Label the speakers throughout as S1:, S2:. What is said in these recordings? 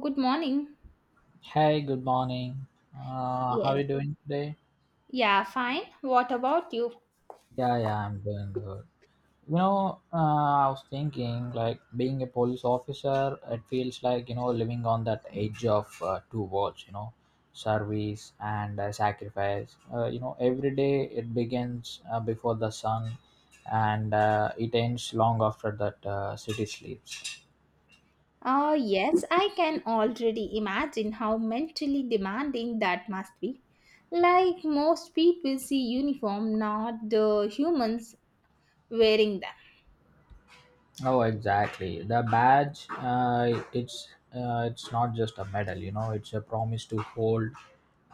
S1: Good morning.
S2: Hey, good morning. How are you
S1: Yes.
S2: doing today?
S1: Yeah, fine. What about you?
S2: Yeah, yeah, I'm doing good. I was thinking, like, being a police officer, it feels like, living on that edge of two worlds, service and sacrifice. Every day it begins before the sun, and it ends long after that city sleeps.
S1: Oh, yes, I can already imagine how mentally demanding that must be. Like most people see uniform, not the humans wearing them.
S2: Oh, exactly. The badge, it's not just a medal, it's a promise to hold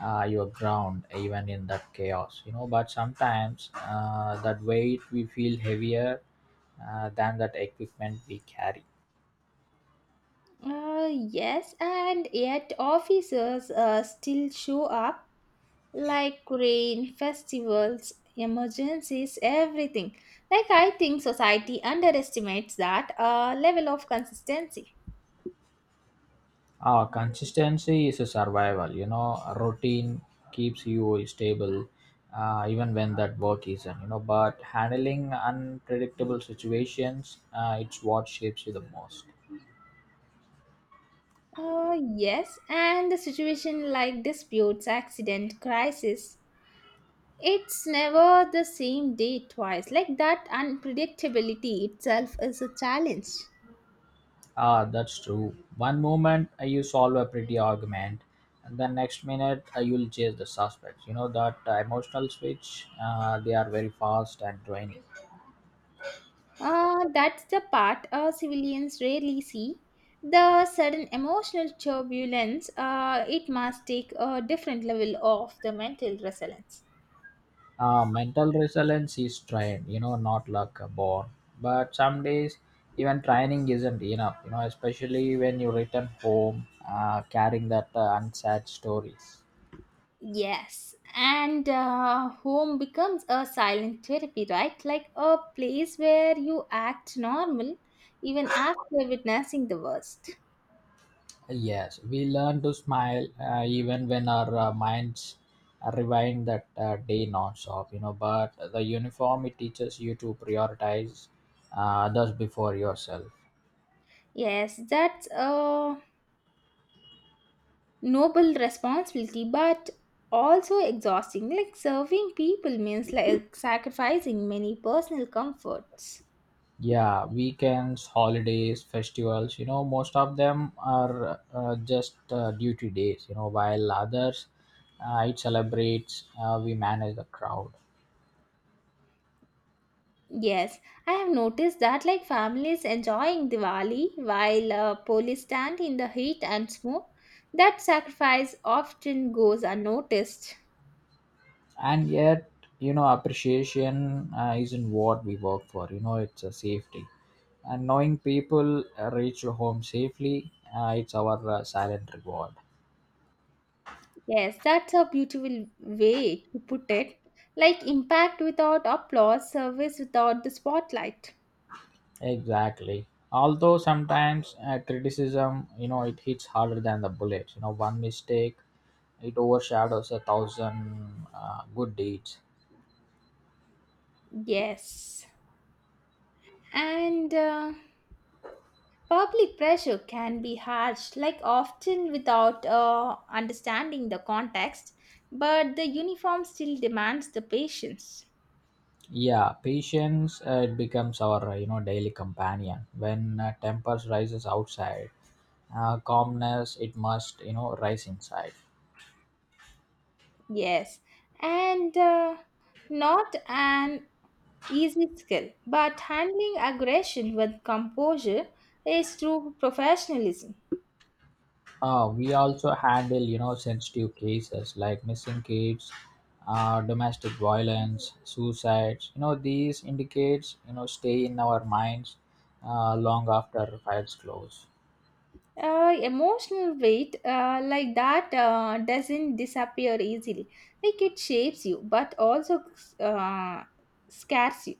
S2: you're ground even in that chaos. But sometimes that weight we feel heavier than that equipment we carry.
S1: Yes, and yet officers still show up like rain, festivals, emergencies, everything. Like, I think society underestimates that level of consistency.
S2: Consistency is a survival, routine keeps you stable, even when that work isn't. But handling unpredictable situations, it's what shapes you the most.
S1: Yes, and the situation like disputes, accident, crisis, it's never the same day twice. Like, that unpredictability itself is a challenge.
S2: Ah, that's true. One moment you solve a pretty argument, and the next minute you'll chase the suspects. You know that emotional switch. They are very fast and draining.
S1: That's the part civilians rarely see. The sudden emotional turbulence, it must take a different level of the mental resilience.
S2: Mental resilience is trained. You know, not luck born. But some days even training isn't enough. You know, especially when you return home carrying that unsaid stories.
S1: Yes, and home becomes a silent therapy, right? Like a place where you act normal even after witnessing the worst.
S2: Yes, we learn to smile even when our minds rewind that day non-stop, you know. But the uniform, it teaches you to prioritize uh, others before yourself.
S1: Yes, that's a noble responsibility, but also exhausting. Like serving people means like sacrificing many personal comforts.
S2: Yeah, weekends, holidays, festivals, you know, most of them are just duty days, you know, while others it celebrates, we manage the crowd.
S1: Yes, I have noticed that like families enjoying Diwali while police stand in the heat and smoke, that sacrifice often goes unnoticed.
S2: And yet, you know, appreciation isn't what we work for, you know, it's a safety, and knowing people reach home safely, it's our silent reward.
S1: Yes, that's a beautiful way to put it. Like impact without applause, service without the spotlight.
S2: Exactly, although sometimes criticism, you know, it hits harder than the bullets. You know, one mistake, it overshadows a thousand good deeds.
S1: Yes. And public pressure can be harsh, like often without understanding the context, but the uniform still demands the patience.
S2: Yeah, patience, it becomes our, daily companion. When tempers rises outside, calmness it must, rise inside.
S1: Yes, and not an easy skill, but handling aggression with composure is true professionalism.
S2: We also handle, you know, sensitive cases like missing kids, domestic violence, suicides. You know, these indicates, you know, stay in our minds long after files close.
S1: Emotional weight like that doesn't disappear easily. Like it shapes you, but also uh, scares you.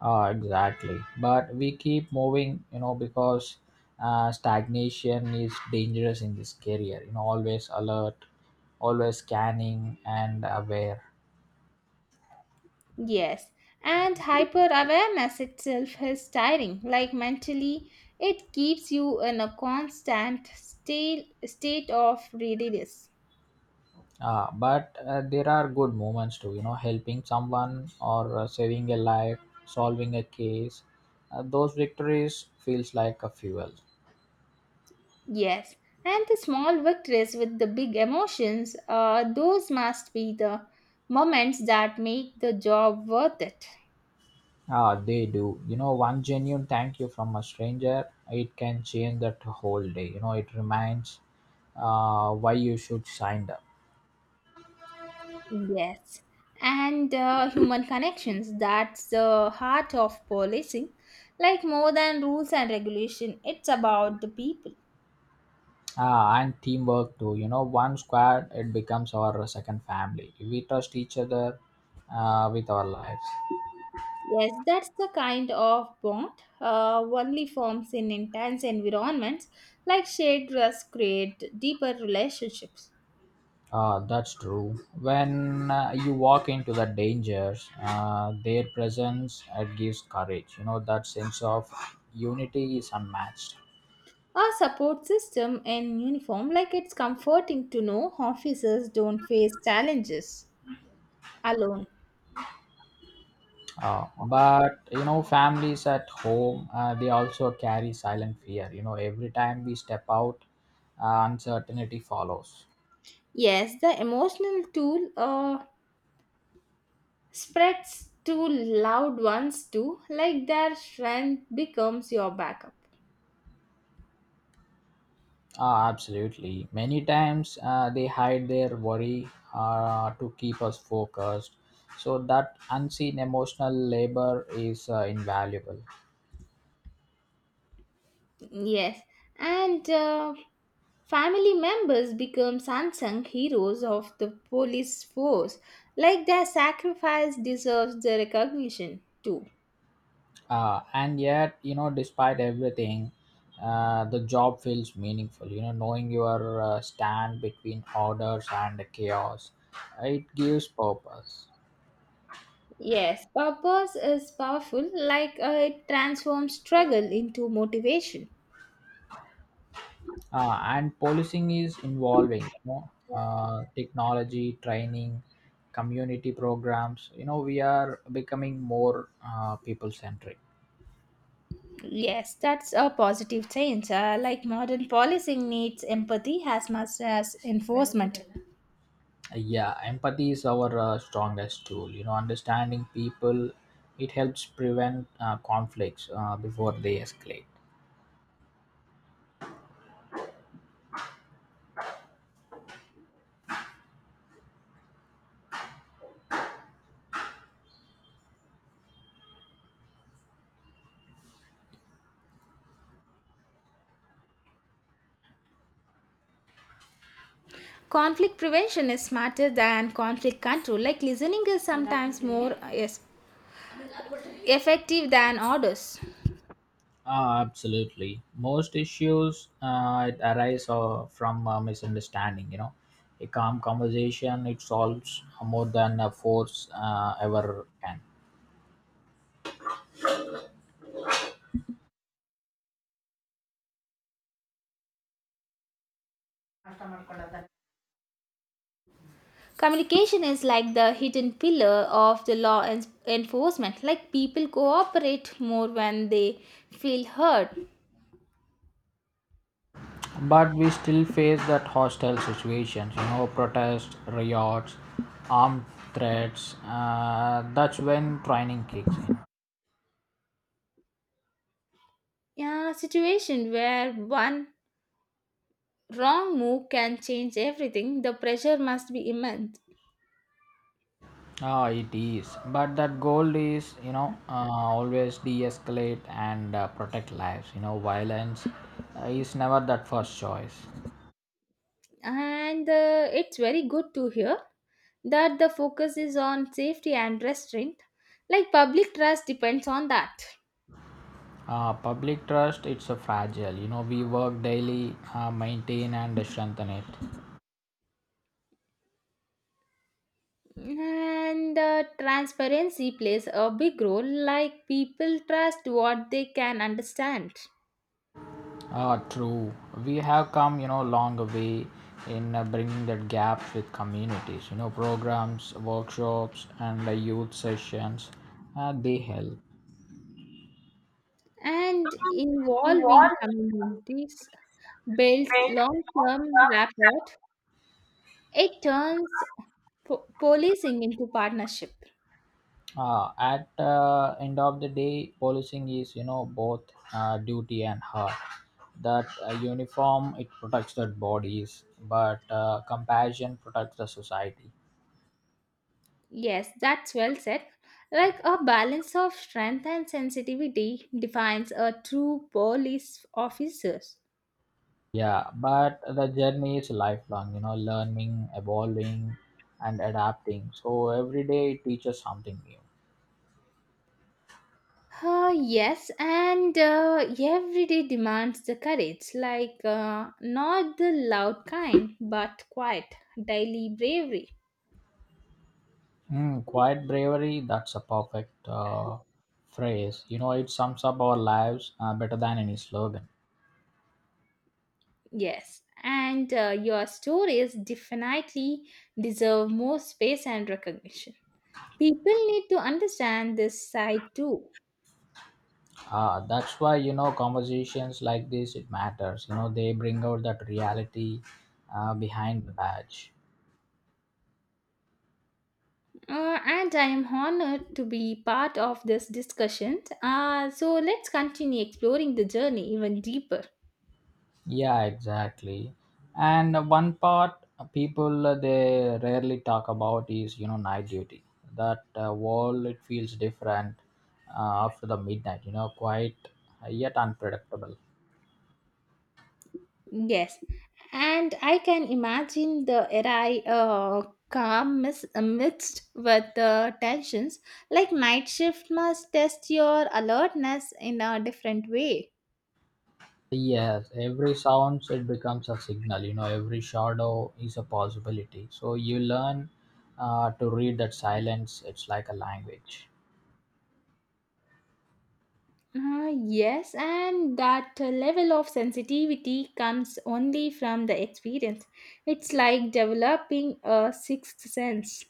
S2: Exactly. But we keep moving, you know, because stagnation is dangerous in this career. You know, always alert, always scanning and aware.
S1: Yes, and hyper awareness itself is tiring. Like mentally, it keeps you in a constant state of readiness.
S2: Ah, but there are good moments too, you know, helping someone, or saving a life, solving a case. Those victories feels like a fuel.
S1: Yes, and the small victories with the big emotions, those must be the moments that make the job worth it.
S2: Ah, they do. You know, one genuine thank you from a stranger, it can change that whole day. You know, it reminds why you should sign up.
S1: Yes, and human connections, that's the heart of policing. Like more than rules and regulation, it's about the people.
S2: Ah, and teamwork too. You know, one squad, it becomes our second family. We trust each other with our lives.
S1: Yes, that's the kind of bond only forms in intense environments like shared dress create deeper relationships.
S2: That's true. When you walk into the dangers, their presence, it gives courage. You know that sense of unity is unmatched.
S1: A support system in uniform, like it's comforting to know officers don't face challenges alone.
S2: But you know, families at home they also carry silent fear. You know, every time we step out, uncertainty follows.
S1: Yes, the emotional tool spreads to loud ones too, like their strength becomes your backup.
S2: Ah, absolutely. Many times they hide their worry to keep us focused. So that unseen emotional labor is invaluable.
S1: Yes, and family members become unsung heroes of the police force, like their sacrifice deserves the recognition too.
S2: And yet, you know, despite everything, the job feels meaningful. You know, knowing your stand between orders and chaos, it gives purpose.
S1: Yes, purpose is powerful, like it transforms struggle into motivation.
S2: And policing is involving, you know, technology, training, community programs. You know, we are becoming more people centric.
S1: Yes, that's a positive change. Like modern policing needs empathy as much as enforcement.
S2: Yeah, empathy is our strongest tool. You know, understanding people, it helps prevent conflicts before they escalate.
S1: Conflict prevention is smarter than conflict control. Like listening is sometimes more. Yes, effective than orders.
S2: Ah, absolutely. Most issues it arise from misunderstanding. You know, a calm conversation, it solves more than a force ever can.
S1: Communication is like the hidden pillar of the law enforcement. Like people cooperate more when they feel heard.
S2: But we still face that hostile situations. You know, protests, riots, armed threats. That's when training kicks in.
S1: Yeah, situation where one wrong move can change everything. The pressure must be immense,
S2: Ah, it is. But that goal is, always de-escalate and protect lives. You know, violence is never that first choice.
S1: and it's very good to hear that the focus is on safety and restraint. Like public trust depends on that.
S2: Public trust, it's a fragile. You know, we work daily, maintain and strengthen it.
S1: And transparency plays a big role, like people trust what they can understand.
S2: True. We have come, you know, long way in bringing that gaps with communities. You know, programs, workshops, and youth sessions, they help.
S1: And involving communities builds long term rapport. It turns policing into partnership.
S2: At end of the day, policing is, you know, both duty and heart. That uniform, it protects the bodies, but compassion protects the society.
S1: Yes, that's well said. Like a balance of strength and sensitivity defines a true police officer.
S2: Yeah, but the journey is lifelong, you know, learning, evolving, and adapting. So every day it teaches something new.
S1: Yes, and everyday demands the courage, like not the loud kind, but quiet, daily bravery.
S2: Mm, quiet bravery, that's a perfect phrase. You know, it sums up our lives better than any slogan.
S1: Yes, and your stories definitely deserve more space and recognition. People need to understand this side too.
S2: That's why, you know, conversations like this, it matters. You know, they bring out that reality behind the badge.
S1: And I am honored to be part of this discussion. So let's continue exploring the journey even deeper.
S2: Yeah, exactly. And one part people they rarely talk about is, you know, night duty. That world, it feels different after the midnight. You know, quite, yet unpredictable.
S1: Yes, and I can imagine the era calm mixed with the tensions. Like night shift must test your alertness in a different way.
S2: Yes, every sounds it becomes a signal. You know, every shadow is a possibility. So you learn to read that silence. It's like a language.
S1: Yes, and that level of sensitivity comes only from the experience. It's like developing a sixth sense.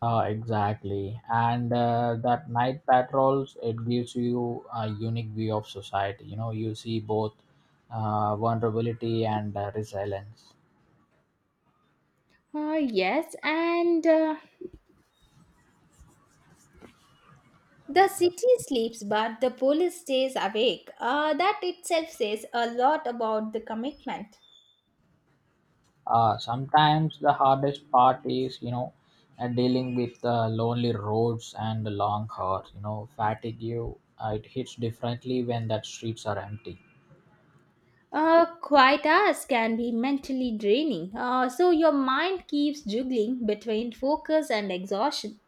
S2: Exactly. And that night patrols, it gives you a unique view of society. You know, you see both vulnerability and resilience.
S1: Uh, yes, and the city sleeps, but the police stays awake. That itself says a lot about the commitment.
S2: Sometimes the hardest part is, dealing with lonely roads and the long hours. You know, fatigue, you, it hits differently when that streets are empty.
S1: Quiet hours can be mentally draining, so your mind keeps juggling between focus and exhaustion.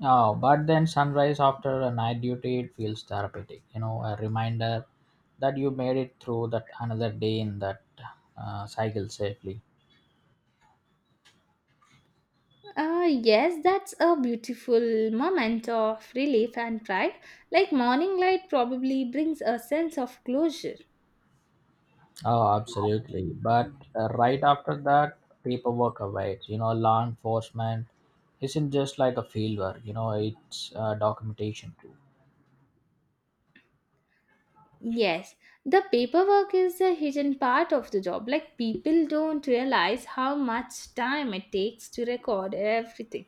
S2: Oh, but then sunrise after a night duty, it feels therapeutic. You know, a reminder that you made it through that another day in that cycle safely.
S1: Yes, that's a beautiful moment of relief and pride. Like morning light probably brings a sense of closure.
S2: Oh, absolutely. But right after that, paperwork awaits. You know, law enforcement isn't just like a field work. You know, it's documentation too.
S1: Yes, the paperwork is the hidden part of the job. Like people don't realize how much time it takes to record everything.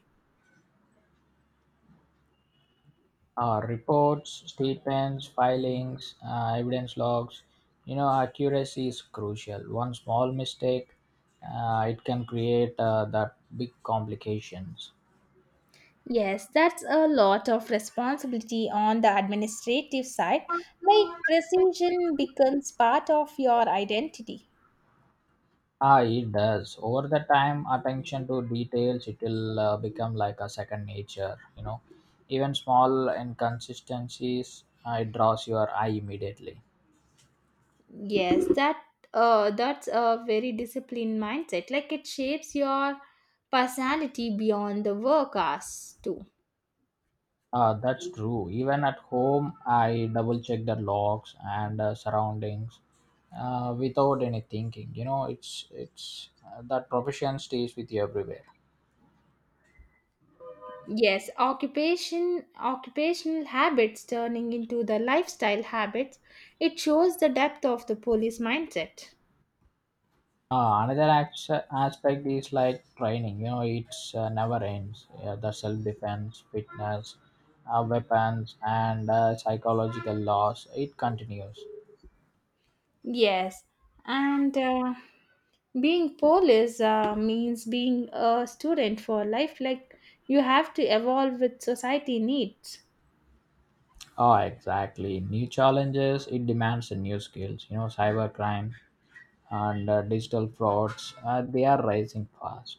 S2: Reports, statements, filings, evidence logs. You know, accuracy is crucial. One small mistake, it can create that big complications.
S1: Yes, that's a lot of responsibility on the administrative side. Like precision becomes part of your identity.
S2: Ah, it does. Over the time, attention to details, it will become like a second nature. You know, even small inconsistencies, it draws your eye immediately.
S1: Yes, that's a very disciplined mindset. Like it shapes your personality beyond the work hours too.
S2: That's true. Even at home, I double check the locks and surroundings without any thinking. You know, it's that profession stays with you everywhere.
S1: Yes, occupation occupational habits turning into the lifestyle habits. It shows the depth of the police mindset.
S2: Another ax- aspect is like training. You know, it's never ends. Yeah, the self defense, fitness, weapons, and psychological loss. It continues.
S1: Yes, and being police means being a student for life. Like you have to evolve with society needs.
S2: Oh, exactly. New challenges. It demands new skills. You know, cybercrime and digital frauds they are rising fast.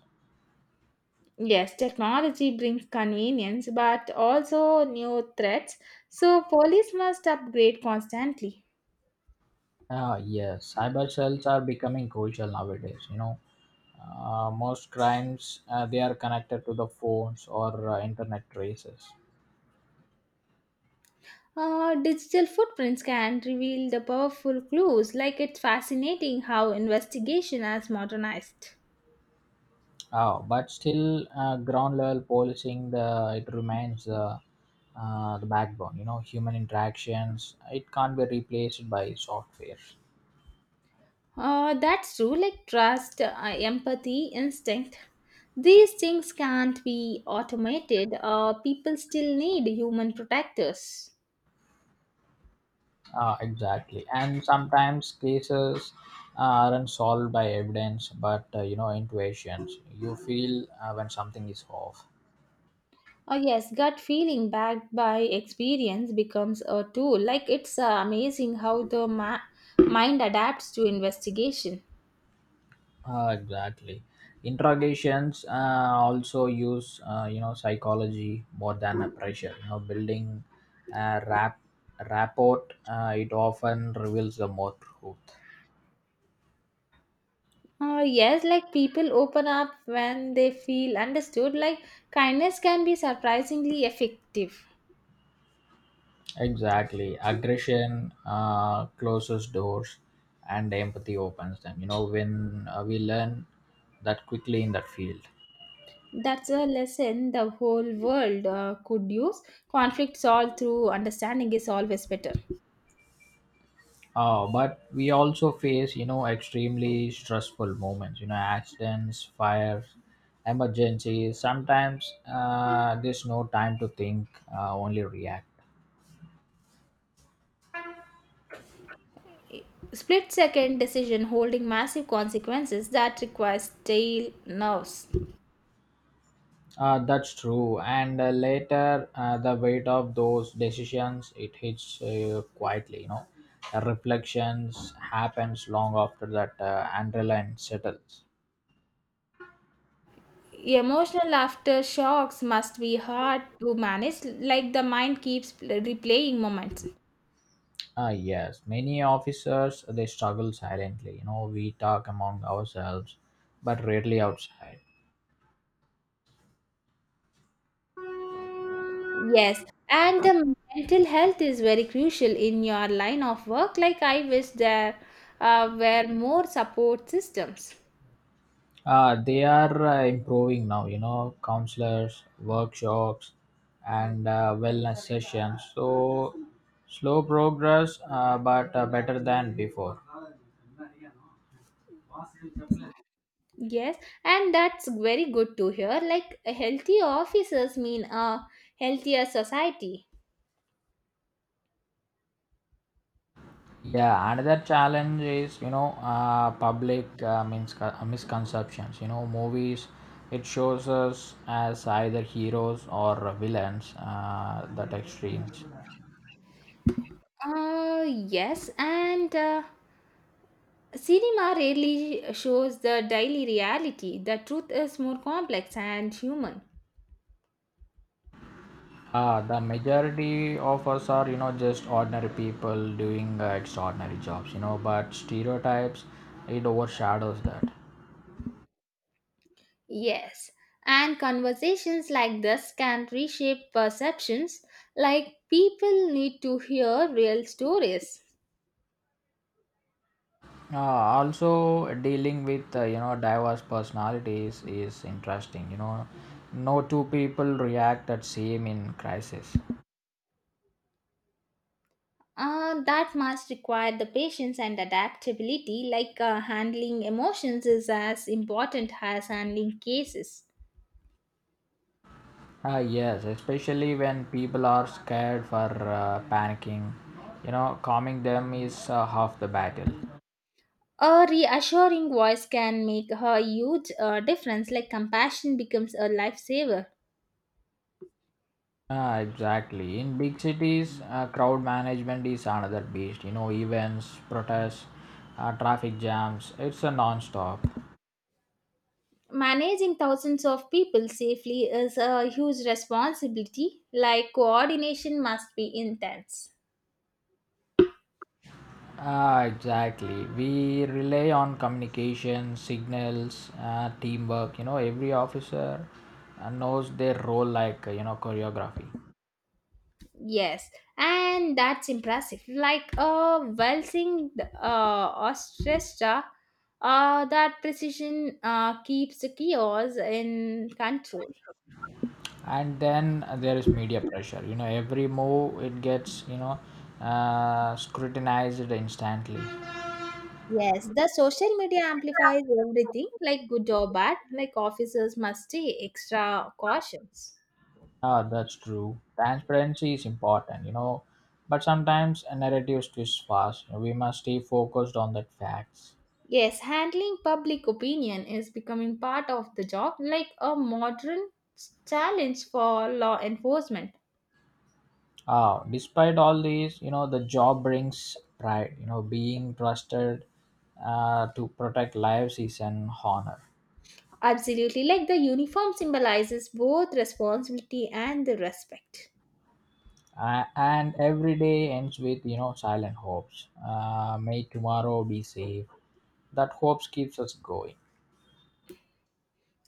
S1: Yes, technology brings convenience, but also new threats. So police must upgrade constantly.
S2: Yes, cyber cells are becoming crucial nowadays. You know, most crimes they are connected to the phones or internet traces.
S1: Digital footprints can reveal the powerful clues, like it's fascinating how investigation has modernized.
S2: But still ground level policing, the it remains the backbone. You know, human interactions, it can't be replaced by software.
S1: That's true, like trust, empathy, instinct. These things can't be automated. People still need human protectors.
S2: Exactly, and sometimes cases aren't solved by evidence, but you know intuitions. You feel when something is off.
S1: Oh, yes, gut feeling backed by experience becomes a tool. Like it's amazing how the mind adapts to investigation.
S2: Exactly, interrogations also use, psychology more than a pressure. You know, building a rap rapport, it often reveals the more truth.
S1: Yes, like people open up when they feel understood. Like kindness can be surprisingly effective.
S2: Exactly. Aggression closes doors, and empathy opens them. You know, when we learn that quickly in that field.
S1: That's a lesson the whole world could use. Conflict solved through understanding is always better.
S2: Oh, but we also face, you know, extremely stressful moments, you know, accidents, fires, emergencies. Sometimes there's no time to think, only react.
S1: Split second decision holding massive consequences that require steel nerves.
S2: That's true. And later, the weight of those decisions, it hits quietly. You know, the reflections happens long after that adrenaline settles.
S1: Emotional aftershocks must be hard to manage, like the mind keeps replaying moments.
S2: Ah, yes. Many officers they struggle silently. You know, we talk among ourselves, but rarely outside.
S1: Yes, and the mental health is very crucial in your line of work. Like, I wish there were more support systems.
S2: They are improving now, you know, counselors, workshops, and wellness sessions. So, slow progress, but better than before.
S1: Yes, and that's very good to hear. Like, healthy officers mean a healthier society.
S2: Yeah, another challenge is, public means misconceptions. You know, movies, it shows us as either heroes or villains, that extremes.
S1: Yes, and cinema rarely shows the daily reality. The truth is more complex and human.
S2: Ah, the majority of us are, you know, just ordinary people doing extraordinary jobs, you know, but stereotypes, it overshadows that.
S1: Yes, and conversations like this can reshape perceptions, like people need to hear real stories.
S2: Ah, also, dealing with, diverse personalities is interesting, you know. No two people react the same in crisis.
S1: That must require the patience and adaptability, like handling emotions is as important as handling cases.
S2: Ah, yes, especially when people are scared for panicking, you know, calming them is half the battle.
S1: A reassuring voice can make a huge difference, like compassion becomes a lifesaver.
S2: Ah, exactly. In big cities, crowd management is another beast. You know, events, protests, traffic jams. It's a non-stop.
S1: Managing thousands of people safely is a huge responsibility, like coordination must be intense.
S2: Ah, exactly. We rely on communication, signals, teamwork. You know, every officer knows their role like, choreography.
S1: Yes, and that's impressive. Like a well-synced orchestra, that precision keeps the chaos in control.
S2: And then there is media pressure. You know, every move it gets, scrutinized instantly.
S1: Yes, the social media amplifies everything, like good or bad, like officers must take extra cautions.
S2: Ah, that's true. Transparency is important, you know, but sometimes a narrative twists fast. We must stay focused on the facts.
S1: Yes, handling public opinion is becoming part of the job, like a modern challenge for law enforcement.
S2: Ah, despite all these, you know, the job brings pride. You know, being trusted to protect lives is an honor.
S1: Absolutely, like the uniform symbolizes both responsibility and the respect.
S2: And every day ends with, you know, silent hopes. May tomorrow be safe. That hopes keeps us going.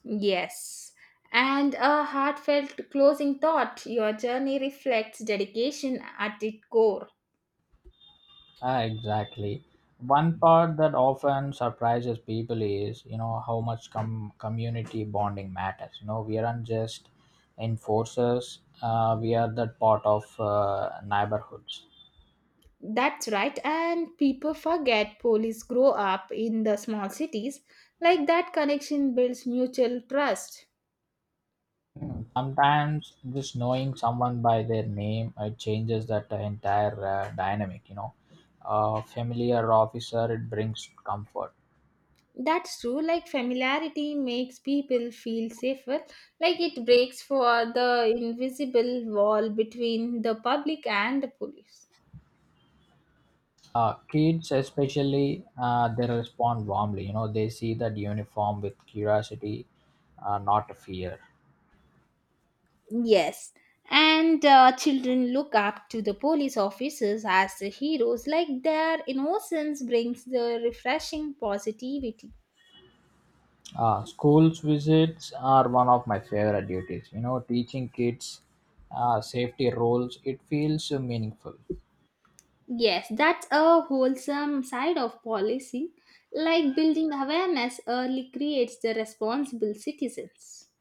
S1: Yes. And a heartfelt closing thought. Your journey reflects dedication at its core.
S2: Ah, exactly. One part that often surprises people is, you know, how much com- community bonding matters. You know, we aren't just enforcers; we are that part of neighborhoods.
S1: That's right, and people forget police grow up in the small cities. Like that connection builds mutual trust.
S2: Mm. Sometimes just knowing someone by their name, it changes that entire dynamic. You know, a familiar officer, it brings comfort.
S1: That's true, like familiarity makes people feel safer, like it breaks for the invisible wall between the public and the police.
S2: Kids, especially, they respond warmly. You know, they see that uniform with curiosity, not fear.
S1: Yes, and children look up to the police officers as the heroes, like their innocence brings the refreshing positivity.
S2: Schools visits are one of my favorite duties. You know, teaching kids safety rules, it feels meaningful.
S1: Yes, that's a wholesome side of policy. Like building awareness early creates the responsible citizens.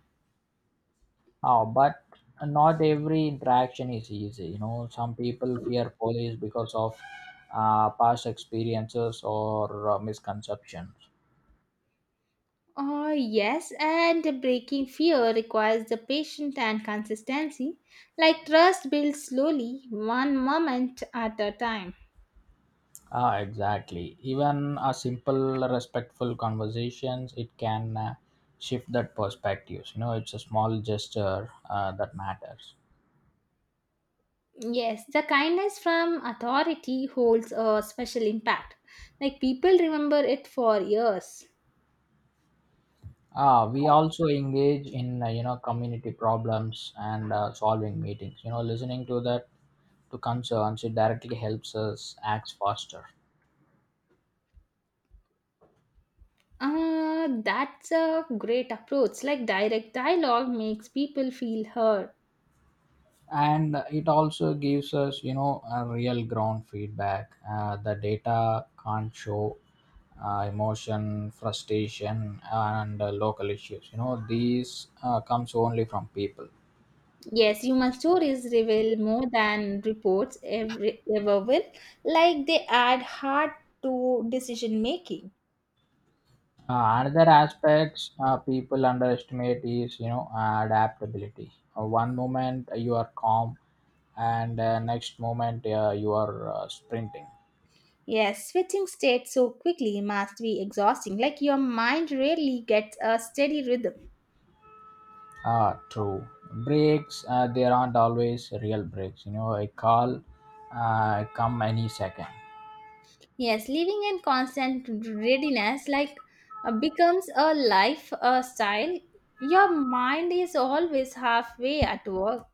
S2: But not every interaction is easy. You know, some people fear police because of past experiences or misconceptions.
S1: Oh, yes, and breaking fear requires the patience and consistency. Like trust builds slowly, one moment at a time.
S2: Ah, exactly. Even a simple, respectful conversations, it can shift that perspectives. You know, it's a small gesture that matters.
S1: Yes, the kindness from authority holds a special impact. Like people remember it for years.
S2: Ah, we also engage in, community problems and solving meetings. You know, listening to that to concerns it directly helps us act faster.
S1: That's a great approach. Like direct dialogue makes people feel heard.
S2: And it also gives us, you know, a real ground feedback. The data can't show emotion, frustration, and local issues. You know, these comes only from people.
S1: Yes, human stories reveal more than reports ever will. Like they add heart to decision making.
S2: Another aspects people underestimate is, you know, adaptability. One moment you are calm, and next moment you are sprinting.
S1: Yes, switching states so quickly must be exhausting. Like your mind rarely gets a steady rhythm.
S2: Ah, true. Breaks, there aren't always real breaks. You know, a call come any second.
S1: Yes, living in constant readiness like becomes a life style. Your mind is always halfway at work.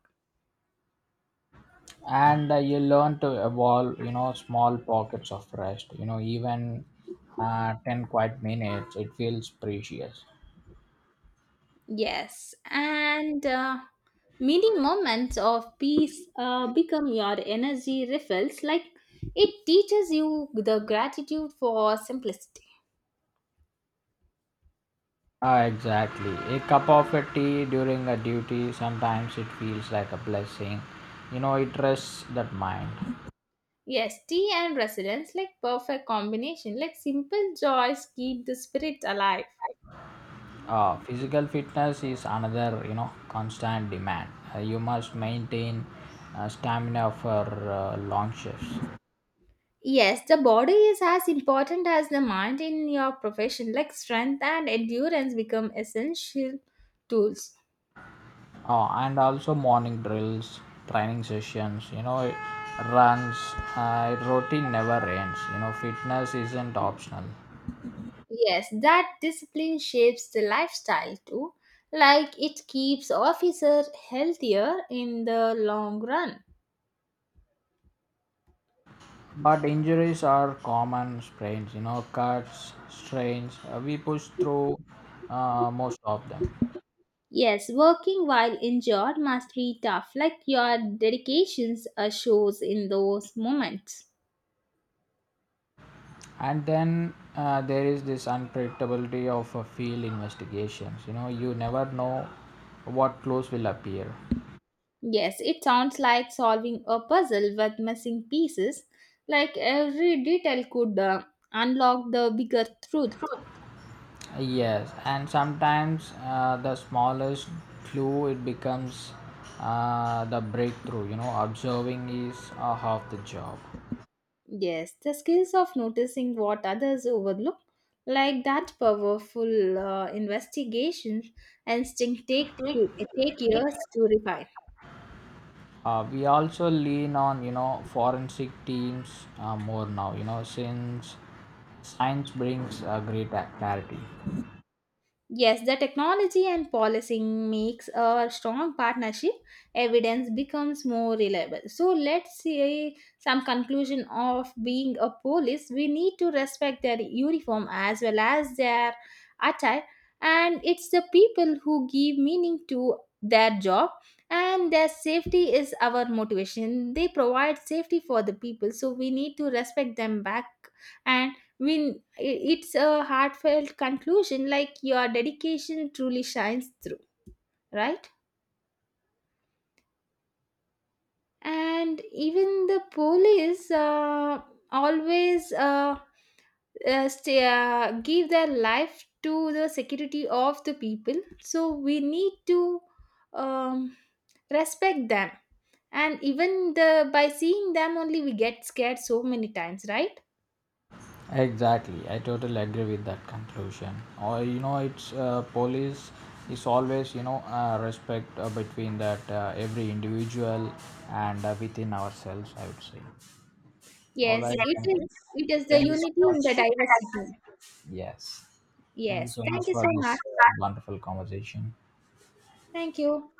S2: And you learn to evolve, you know, small pockets of rest. You know, even 10 quiet minutes, it feels precious.
S1: Yes, and many moments of peace become your energy refills. Like it teaches you the gratitude for simplicity.
S2: Ah, exactly. A cup of a tea during a duty, sometimes it feels like a blessing. You know, it rests that mind.
S1: Yes, tea and resilience, like perfect combination. Like simple joys keep the spirit alive.
S2: Physical fitness is another, you know, constant demand. You must maintain stamina for long shifts,
S1: Yes, the body is as important as the mind in your profession. Like strength and endurance become essential tools.
S2: and also morning drills, training sessions. You know, runs. Routine never ends. You know, fitness isn't optional.
S1: Yes, that discipline shapes the lifestyle too. Like it keeps officer healthier in the long run.
S2: But injuries are common. Sprains, you know, cuts, strains. We push through most of them.
S1: Yes, working while injured must be tough. Like your dedications shows in those moments.
S2: And then there is this unpredictability of field investigations. You know, you never know what clues will appear.
S1: Yes, it sounds like solving a puzzle with missing pieces. Like every detail could unlock the bigger truth.
S2: Yes, and sometimes the smallest clue it becomes the breakthrough. You know, observing is half the job.
S1: Yes, the skills of noticing what others overlook, like that powerful investigation instinct, take years to refine.
S2: We also lean on, you know, forensic teams more now. You know, since science brings great clarity.
S1: Yes, the technology and policing makes a strong partnership. Evidence becomes more reliable. So let's see some conclusion of being a police. We need to respect their uniform as well as their attire, and it's the people who give meaning to their job, and their safety is our motivation. They provide safety for the people, so we need to respect them back. And I mean, it's a heartfelt conclusion, like your dedication truly shines through, right? And even the police always uh, give their life to the security of the people. So we need to um, respect them. And even the by seeing them only, we get scared so many times, right?
S2: Exactly, I totally agree with that conclusion. Or you know, it's police is always, respect between that every individual and within ourselves. I would say. All
S1: Yes,
S2: right,
S1: it
S2: then.
S1: is. It is the
S2: Thank you so
S1: unity in
S2: much.
S1: the diversity.
S2: Yes, thank you
S1: Yes.
S2: so much
S1: Thank you
S2: for
S1: so
S2: this
S1: much.
S2: wonderful conversation.
S1: Thank you.